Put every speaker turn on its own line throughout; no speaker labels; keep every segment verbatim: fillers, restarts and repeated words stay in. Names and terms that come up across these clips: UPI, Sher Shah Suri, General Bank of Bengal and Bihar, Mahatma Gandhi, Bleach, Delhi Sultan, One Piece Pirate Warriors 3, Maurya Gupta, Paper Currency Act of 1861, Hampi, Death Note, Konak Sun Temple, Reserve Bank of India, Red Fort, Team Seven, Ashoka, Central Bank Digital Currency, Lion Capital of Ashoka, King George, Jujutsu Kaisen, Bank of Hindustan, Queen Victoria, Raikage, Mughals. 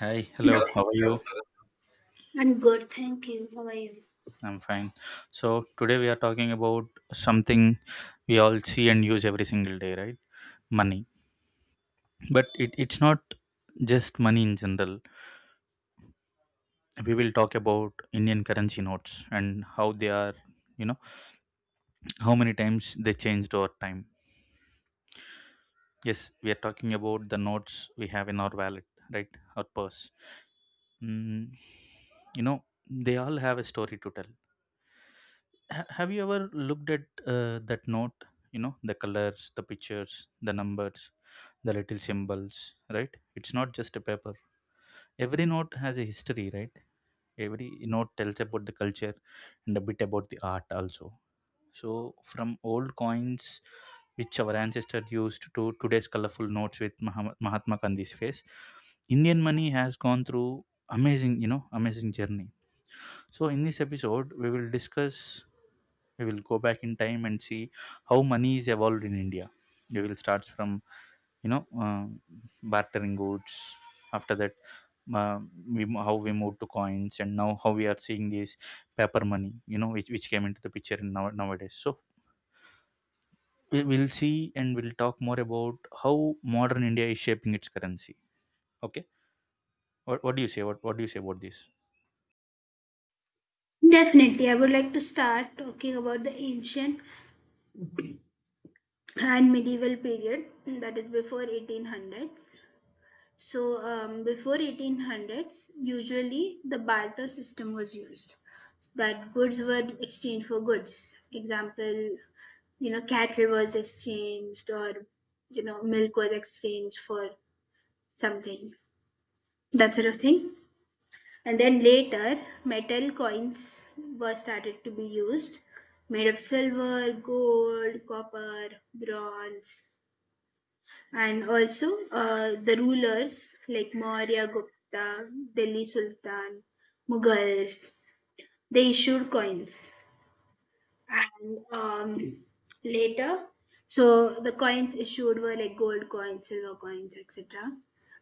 Hi, hello, how are you?
I'm good, thank you. How are you?
I'm fine. So, today we are talking about something we all see and use every single day, right? Money. But it, it's not just money in general. We will talk about Indian currency notes and how they are, you know, how many times they changed over time. Yes, we are talking about the notes we have in our wallet, right? Our purse. Mm, you know, they all have a story to tell. Ha- have you ever looked at uh, that note? You know, the colors, the pictures, the numbers, the little symbols, right? It's not just a paper. Every note has a history, right? Every note tells about the culture and a bit about the art also. So, from old coins which our ancestors used to today's colorful notes with Mahama- Mahatma Gandhi's face, Indian money has gone through amazing you know amazing journey. So in this episode we will discuss, we will go back in time and see how money is evolved in India. We will start from you know uh, bartering goods. After that, uh, we, mo- how we moved to coins, and now how we are seeing this paper money, you know which, which came into the picture in now, nowadays. So we, we'll see and we'll talk more about how modern India is shaping its currency. Okay. What, what do you say? What, what do you say about this?
Definitely, I would like to start talking about the ancient and medieval period that is before eighteen hundreds. So, um, before eighteen hundreds, usually the barter system was used, that goods were exchanged for goods. Example, you know, cattle was exchanged, or you know, milk was exchanged for something, that sort of thing. And then later, metal coins were started to be used, made of silver, gold, copper, bronze. And also, uh, the rulers like Maurya Gupta, Delhi Sultan, Mughals, they issued coins. And um, later, so the coins issued were like gold coins, silver coins, et cetera.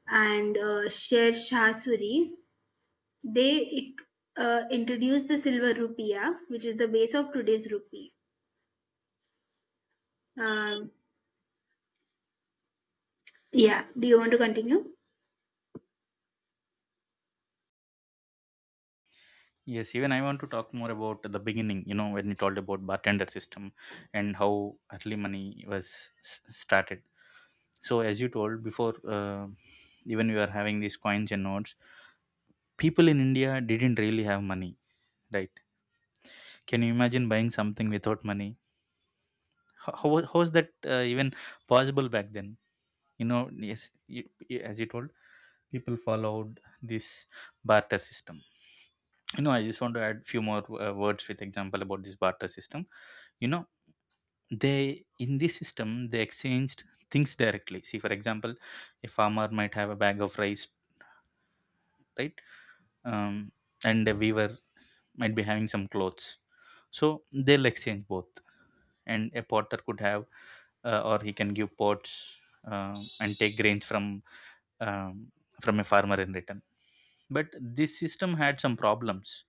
And uh, Sher Shah Suri, they uh, introduced the silver rupiah, which is the base of today's rupee. Um, yeah, do you want to continue?
Yes, even I want to talk more about the beginning, you know, when you told about bartender system and how early money was s- started. So as you told before, uh, even we were having these coins and notes, people in India didn't really have money, right? Can you imagine buying something without money? How, how, wa- how is that uh, even possible back then? You know, yes, you, you- as you told, people followed this barter system. You know, I just want to add few more uh, words with example about this barter system. You know, they in this system they exchanged things directly. See, for example, a farmer might have a bag of rice, right? um, and a weaver might be having some clothes, so they'll exchange both. And a potter could have uh, or he can give pots uh, and take grains from um, from a farmer in return. But this system had some problems.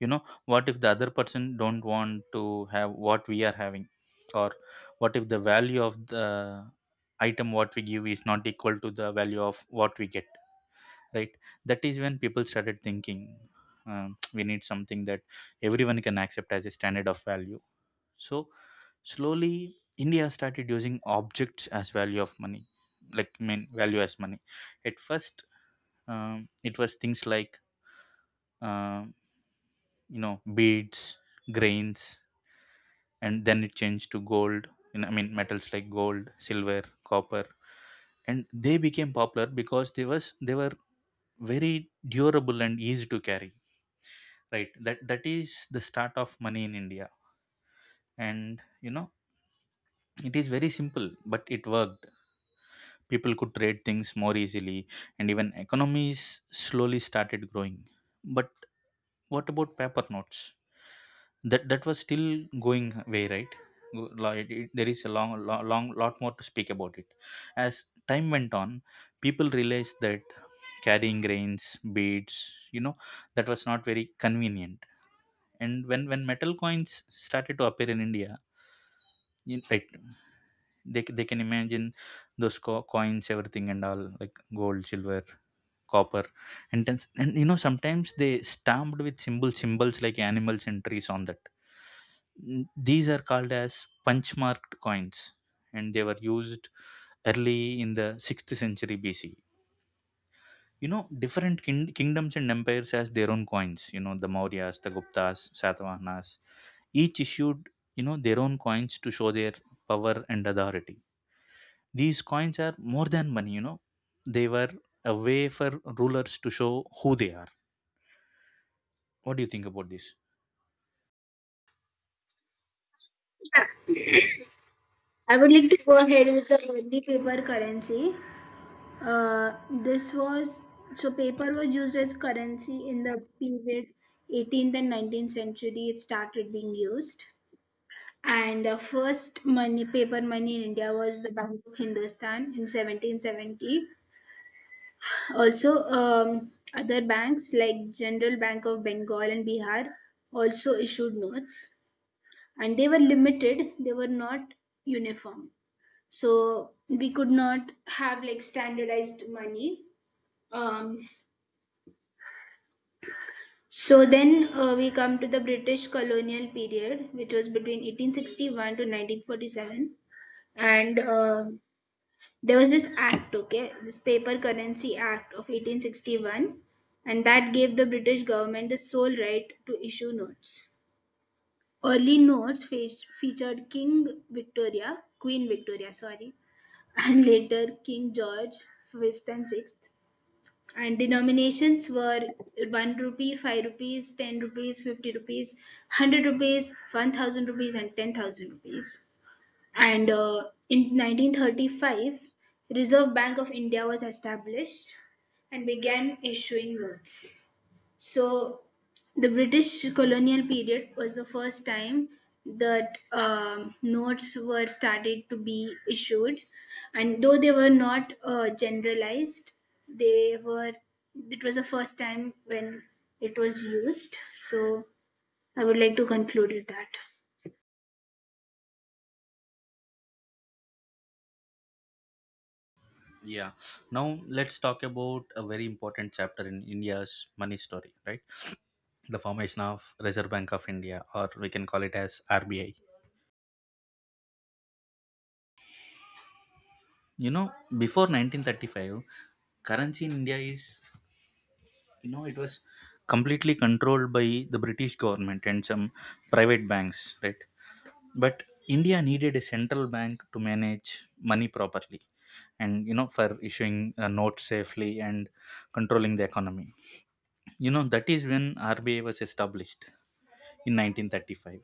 You know, what if the other person don't want to have what we are having? Or what if the value of the item what we give is not equal to the value of what we get, right? That is when people started thinking, um, we need something that everyone can accept as a standard of value. So, slowly, India started using objects as value of money, like, I mean, value as money. At first, um, it was things like uh, you know beads, grains, and then it changed to gold. in, I mean metals like gold, silver, copper. And they became popular because they was they were very durable and easy to carry, right? That that is the start of money in India. And you know, it is very simple but it worked. People could trade things more easily and even economies slowly started growing. But what about paper notes? That that was still going way, right? Go- like it, it- there is a long, long long lot more to speak about it. As time went on, people realized that carrying grains, beads, you know, that was not very convenient. And when when metal coins started to appear in India, in- right, they c- they can imagine those co- coins, everything and all, like gold, silver, copper. And then, s- and you know, sometimes they stamped with symbols symbols like animals and trees on that. N- these are called as punch marked coins and they were used early in the sixth century BC. You know, different kin- kingdoms and empires has their own coins, you know, the Mauryas, the Guptas, Satavahanas, each issued, you know, their own coins to show their power and authority. These coins are more than money, you know. They were a way for rulers to show who they are. What do you think about this?
Yeah. I would like to go ahead with the Hindi paper currency. Uh, this was So paper was used as currency in the period eighteenth and nineteenth century. It started being used, and the first money paper money in India was the Bank of Hindustan in seventeen seventy. Also, um, other banks like General Bank of Bengal and Bihar also issued notes, and they were limited. They were not uniform, so we could not have like standardized money. Um, so then uh, we come to the British colonial period, which was between eighteen sixty-one to nineteen forty-seven, and uh, there was this act. Okay, this paper currency act of eighteen sixty-one, and that gave the British government the sole right to issue notes. Early notes fe- featured King Victoria. Queen Victoria, sorry. And later King George fifth and sixth. And denominations were one rupee, five rupees, ten rupees, fifty rupees, one hundred rupees, one thousand rupees, and ten thousand rupees. And uh, in nineteen thirty-five, Reserve Bank of India was established and began issuing notes. So the British colonial period was the first time that um, notes were started to be issued, and though they were not uh, generalized, they were, it was the first time when it was used. So I would like to conclude with that.
Yeah. Now let's talk about a very important chapter in India's money story, right? The formation of Reserve Bank of India, or we can call it as R B I. You know, before nineteen thirty-five, currency in India is, you know, it was completely controlled by the British government and some private banks, right? But India needed a central bank to manage money properly, and you know, for issuing uh, notes safely and controlling the economy. You know, that is when R B I was established in nineteen thirty-five.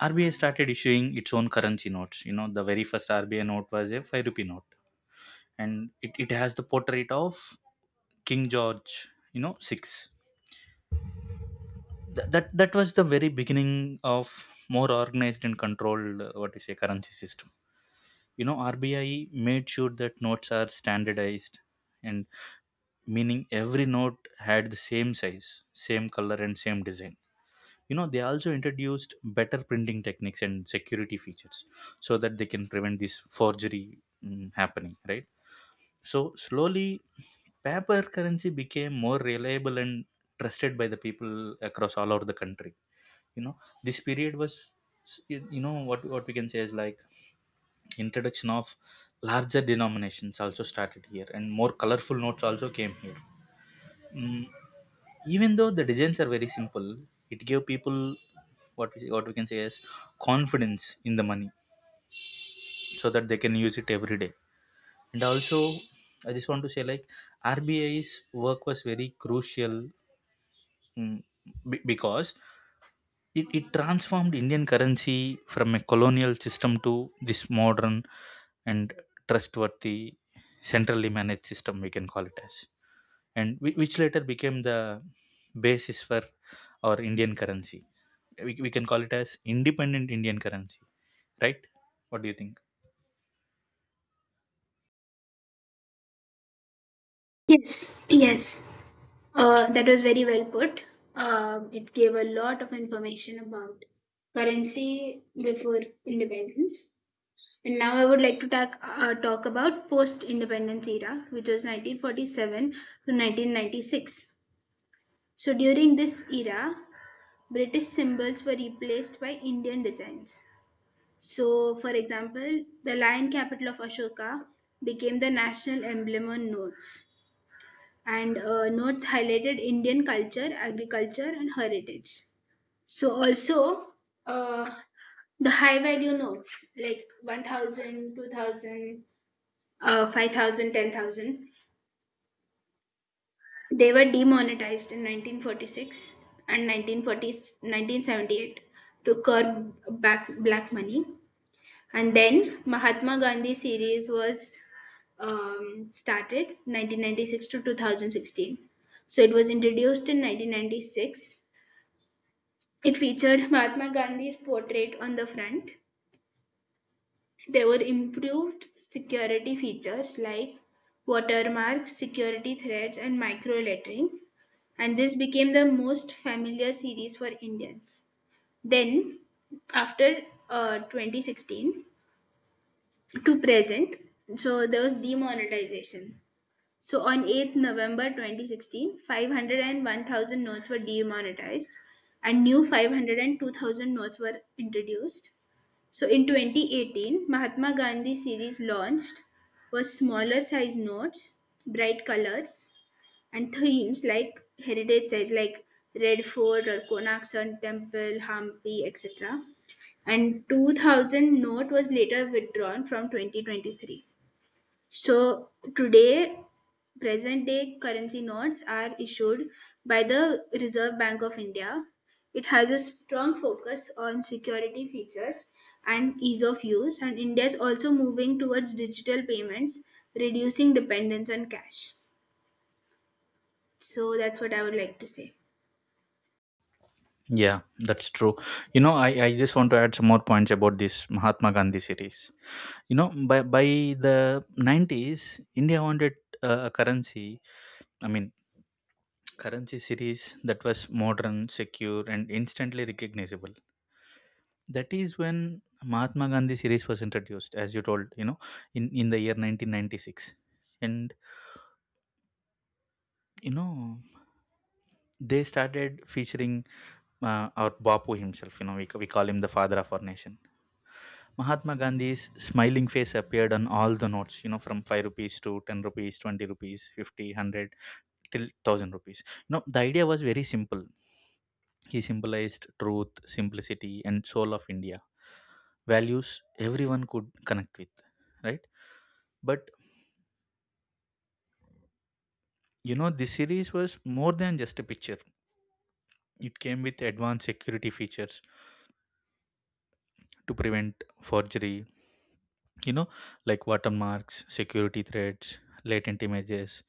R B I started issuing its own currency notes. You know, the very first R B I note was a five rupee note, and it, it has the portrait of King George, you know, six. Th- that that was the very beginning of more organized and controlled uh, what you say currency system. You know, R B I made sure that notes are standardized, and meaning every note had the same size, same color, and same design. You know, they also introduced better printing techniques and security features so that they can prevent this forgery mm, happening, right? So, slowly, paper currency became more reliable and trusted by the people across all over the country. You know, this period was, you know, what, what we can say is, like, introduction of larger denominations also started here and more colorful notes also came here. mm, Even though the designs are very simple, it gave people what we, what we can say is confidence in the money, so that they can use it every day. And also, I just want to say, like, RBI's work was very crucial, mm, be- because It, it transformed Indian currency from a colonial system to this modern and trustworthy, centrally managed system, we can call it as. And whi- which later became the basis for our Indian currency. We, we can call it as independent Indian currency, right? What do you think?
Yes, yes. Uh, that was very well put. Um, it gave a lot of information about currency before independence. And now I would like to talk, uh, talk about post-independence era, which was nineteen forty-seven to nineteen ninety-six. So during this era, British symbols were replaced by Indian designs. So, for example, the lion capital of Ashoka became the national emblem on notes, and uh, notes highlighted Indian culture, agriculture, and heritage. So, also uh, the high value notes like one thousand, uh, five thousand, they were demonetized in nineteen forty-six and nineteen forty, nineteen seventy-eight, to curb back black money. And then Mahatma Gandhi series was um, started nineteen ninety-six to twenty sixteen. So it was introduced in nineteen ninety-six. It featured Mahatma Gandhi's portrait on the front. There were improved security features like watermarks, security threats, and micro lettering. And this became the most familiar series for Indians. Then, after uh, twenty sixteen, to present, so there was demonetization. So on eighth november twenty sixteen, five hundred and one thousand notes were demonetized, and new five hundred two thousand notes were introduced. So in twenty eighteen, Mahatma Gandhi series launched, was smaller size notes, bright colors, and themes like heritage sites like Red Fort or Konak Sun Temple, Hampi, et cetera. And two thousand note was later withdrawn from twenty twenty-three. So today, present day currency notes are issued by the Reserve Bank of India. It has a strong focus on security features and ease of use, and India is also moving towards digital payments, reducing dependence on cash. So that's what I would like to say.
Yeah, that's true. You know, I, I just want to add some more points about this Mahatma Gandhi series. You know, by, by the nineties, India wanted uh, a currency. I mean, currency series that was modern, secure, and instantly recognizable. That is when Mahatma Gandhi series was introduced, as you told, you know, in, in the year nineteen ninety-six. And, you know, they started featuring uh, our Bapu himself. You know, we, ca- we call him the father of our nation. Mahatma Gandhi's smiling face appeared on all the notes, you know, from five rupees to ten rupees, twenty rupees, fifty, one hundred, till one thousand rupees. You know, the idea was very simple. He symbolized truth, simplicity, and soul of India, values everyone could connect with, right? But you know, this series was more than just a picture. It came with advanced security features to prevent forgery, you know, like watermarks, security threats, latent images,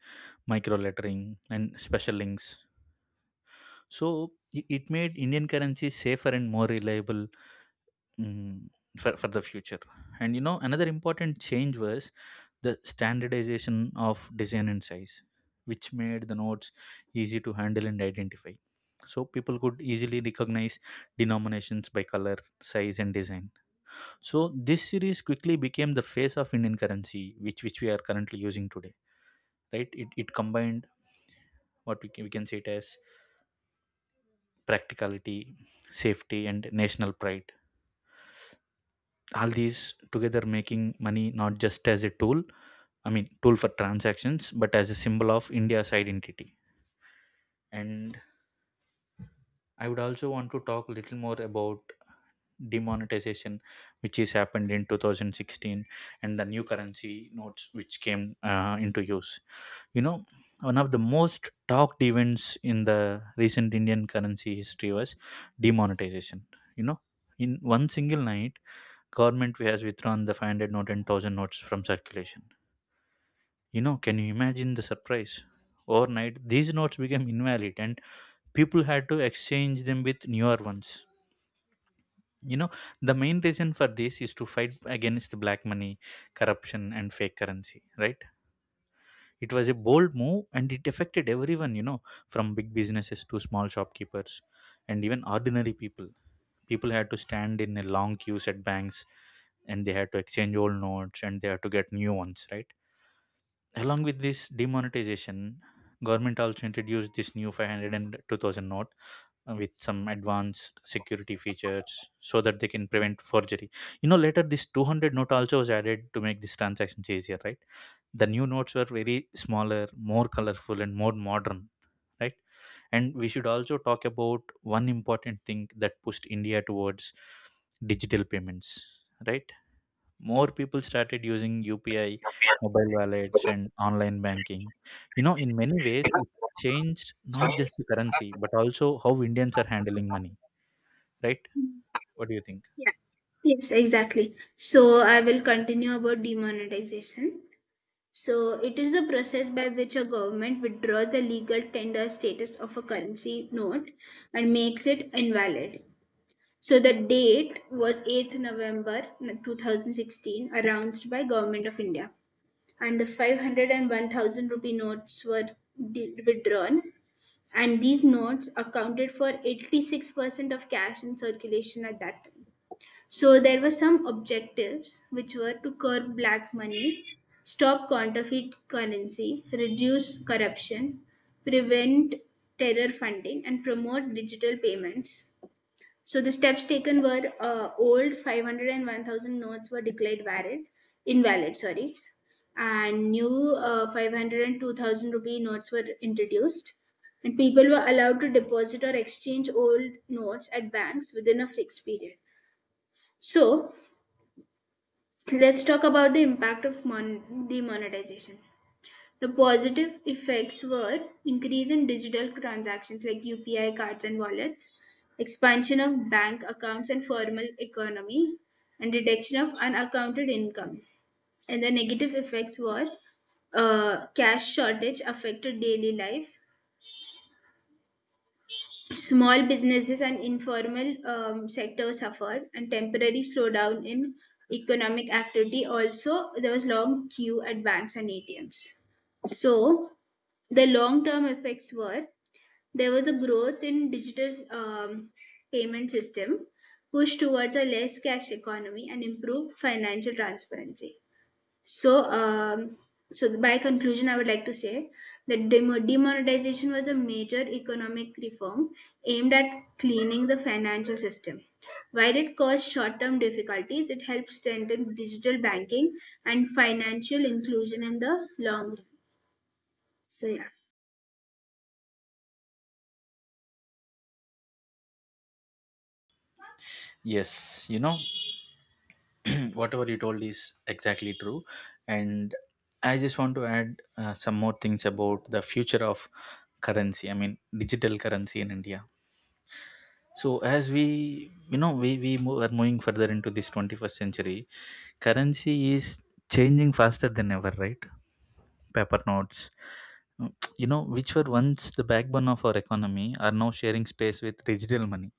micro lettering, and special links. So i- it made Indian currency safer and more reliable, mm, for, for the future. And you know, another important change was the standardization of design and size, which made the notes easy to handle and identify. So people could easily recognize denominations by color, size, and design. So this series quickly became the face of Indian currency, which which we are currently using today, right? It, it combined what we can, we can say it as, practicality, safety, and national pride, all these together, making money not just as a tool, I mean, tool for transactions, but as a symbol of India's identity. And I would also want to talk a little more about demonetization, which is happened in two thousand sixteen, and the new currency notes which came uh, into use. You know, one of the most talked events in the recent Indian currency history was demonetization. You know, in one single night, government has withdrawn the five hundred note and one thousand notes from circulation. You know, can you imagine the surprise? Overnight, these notes became invalid and people had to exchange them with newer ones. You know, the main reason for this is to fight against black money, corruption, and fake currency, right? It was a bold move and it affected everyone, you know, from big businesses to small shopkeepers and even ordinary people. People had to stand in a long queues at banks, and they had to exchange old notes and they had to get new ones, right? Along with this demonetization, government also introduced this new five hundred and two thousand note uh, with some advanced security features so that they can prevent forgery. You know later this two hundred note also was added to make this transactions easier, right? The new notes were very smaller, more colorful, and more modern, right? And we should also talk about one important thing that pushed india towards digital payments, right? More people started using U P I, mobile wallets, and online banking. You know, in many ways, it changed not just the currency, but also how Indians are handling money, right? What do you think?
Yeah. Yes, exactly. So I will continue about demonetization. So it is the process by which a government withdraws the legal tender status of a currency note and makes it invalid. So the date was eighth of November two thousand sixteen, announced by Government of India. And the five hundred rupee notes were di- withdrawn, and these notes accounted for eighty-six percent of cash in circulation at that time. So there were some objectives which were to curb black money, stop counterfeit currency, reduce corruption, prevent terror funding, and promote digital payments. So the steps taken were uh, old five hundred and one thousand notes were declared valid, invalid, sorry, and new uh, five hundred rupee notes were introduced. And people were allowed to deposit or exchange old notes at banks within a fixed period. So let's talk about the impact of mon- demonetization. The positive effects were increase in digital transactions like U P I cards and wallets, expansion of bank accounts and formal economy, and reduction of unaccounted income. And the negative effects were uh, cash shortage affected daily life. Small businesses and informal um, sector suffered, and temporary slowdown in economic activity. Also, there was long queue at banks and A T Ms. So, the long term effects were there was a growth in digital um, payment system, push towards a less cash economy and improved financial transparency. So um, so by conclusion I would like to say that demo- demonetization was a major economic reform aimed at cleaning the financial system. While it caused short term difficulties, it helped strengthen digital banking and financial inclusion in the long run. So yeah.
Yes, you know, whatever you told is exactly true. And I just want to add uh, some more things about the future of currency, I mean, digital currency in India. So, as we, you know, we, we mo- are moving further into this twenty-first century. Currency is changing faster than ever, right? Paper notes, mm, you know, which were once the backbone of our economy, are now sharing space with digital money.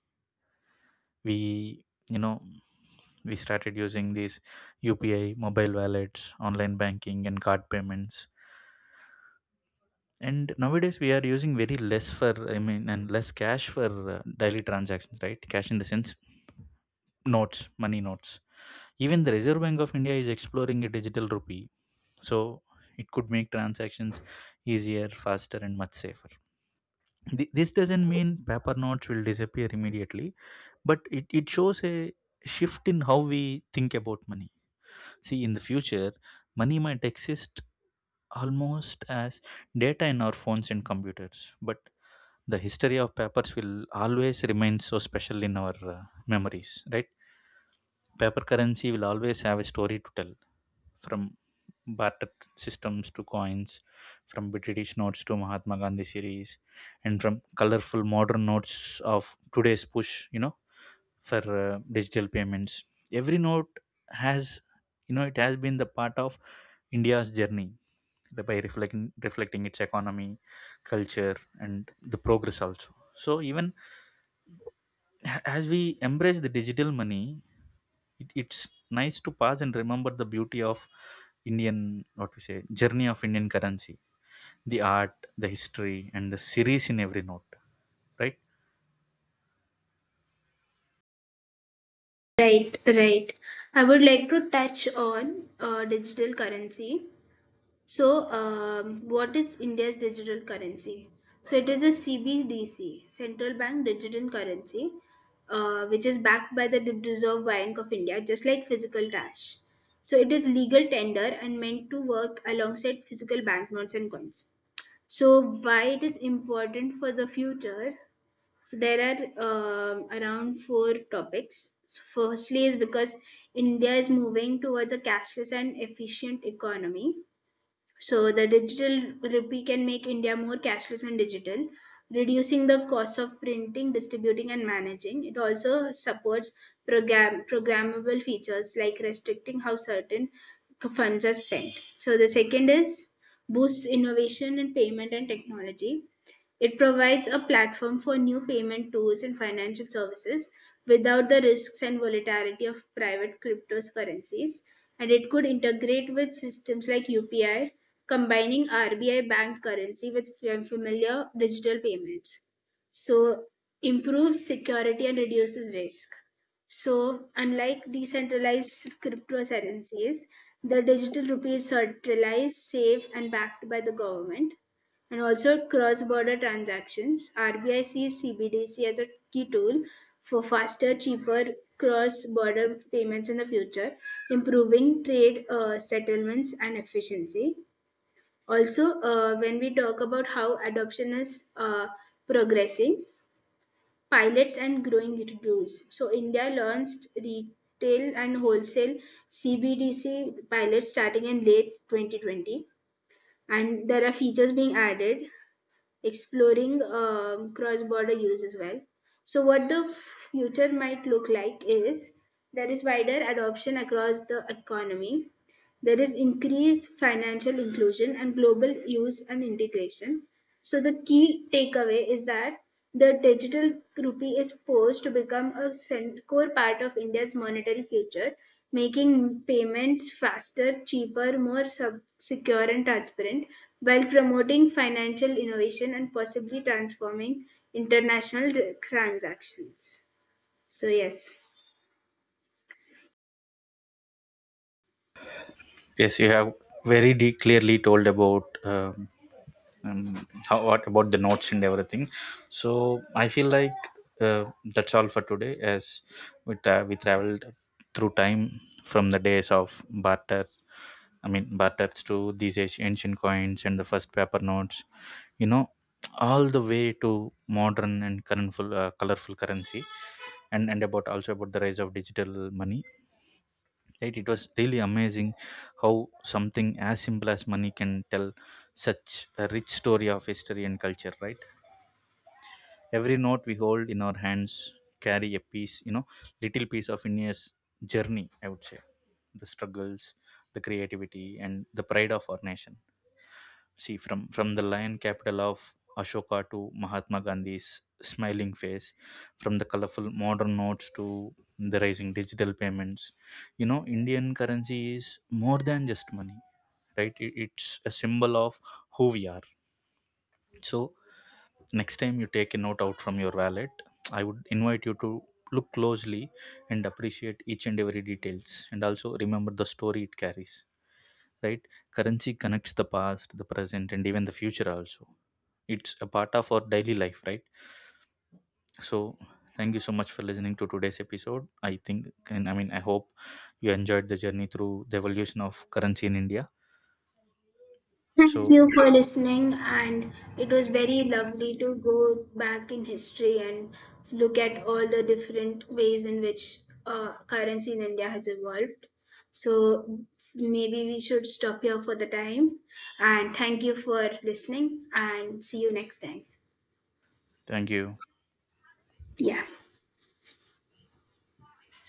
We, you know, we started using these U P I, mobile wallets, online banking, and card payments. And nowadays, we are using very less for, I mean, and less cash for uh, daily transactions, right? Cash in the sense notes, money notes. Even the Reserve Bank of India is exploring a digital rupee, so it could make transactions easier, faster, and much safer. Th- This doesn't mean paper notes will disappear immediately, but it, it shows a shift in how we think about money. See, in the future, money might exist almost as data in our phones and computers, but the history of papers will always remain so special in our uh, memories, right? Paper currency will always have a story to tell, from barter systems to coins, from British notes to Mahatma Gandhi series, and from colorful modern notes of today's push, you know, for uh, digital payments. Every note has, you know, it has been the part of India's journey by reflecting reflecting its economy, culture, and the progress also. So even a- as we embrace the digital money, it, it's nice to pass and remember the beauty of indian, what we say, journey of indian currency, the art, the history, and the series in every note, right?
Right, right. I would like to touch on uh, digital currency. So, um, what is India's digital currency? So, it is a C B D C, Central Bank Digital Currency, uh, which is backed by the Reserve Bank of India, just like physical cash. So, it is legal tender and meant to work alongside physical banknotes and coins. So, why it is important for the future? So there are um around four topics. So firstly, is because India is moving towards a cashless and efficient economy. So the digital rupee can make India more cashless and digital, reducing the cost of printing, distributing, and managing. It also supports program programmable features like restricting how certain funds are spent. So the second is boosts innovation in payment and technology. It provides a platform for new payment tools and financial services without the risks and volatility of private cryptocurrencies. And it could integrate with systems like U P I, combining R B I bank currency with f- familiar digital payments. So, improves security and reduces risk. So, unlike decentralized cryptocurrencies, the digital rupee is centralized, safe, and backed by the government, and also cross-border transactions. R B I sees C B D C as a key tool for faster, cheaper cross-border payments in the future, improving trade uh, settlements and efficiency. Also, uh, when we talk about how adoption is uh, progressing, pilots and growing rules. So, India launched retail and wholesale C B D C pilots starting in late twenty twenty, and there are features being added exploring um, cross border use as well. So, what the future might look like is there is wider adoption across the economy, there is increased financial inclusion and global use and integration. So, the key takeaway is that the digital rupee is poised to become a cent- core part of India's monetary future, making payments faster, cheaper, more sub- secure, and transparent, while promoting financial innovation and possibly transforming international r- transactions. So, yes.
Yes, you have very de- clearly told about um, um, how what about the notes and everything. So I feel like uh, that's all for today. As we tra- we traveled through time from the days of barter, I mean barters, to these ancient ancient coins and the first paper notes. You know, all the way to modern and colorful, uh, colorful currency, and and about also about the rise of digital money, right? It was really amazing how something as simple as money can tell such a rich story of history and culture, right? Every note we hold in our hands carry a piece, you know, little piece of india's journey, I would say, the struggles, the creativity, and the pride of our nation. See, from, from the lion capital of Ashoka to Mahatma Gandhi's smiling face, from the colorful modern notes to the rising digital payments, you know, Indian currency is more than just money, right? It, it's a symbol of who we are. So, next time you take a note out from your wallet, I would invite you to look closely and appreciate each and every details and also remember the story it carries, right? Currency connects the past, the present, and even the future also. It's a part of our daily life, right? So, thank you so much for listening to today's episode. I think, and I mean, I hope you enjoyed the journey through the evolution of currency in India.
Thank
So,
you for listening, and it was very lovely to go back in history and look at all the different ways in which uh, currency in India has evolved. So maybe we should stop here for the time. And thank you for listening, and see you next time.
thank you.
Yeah.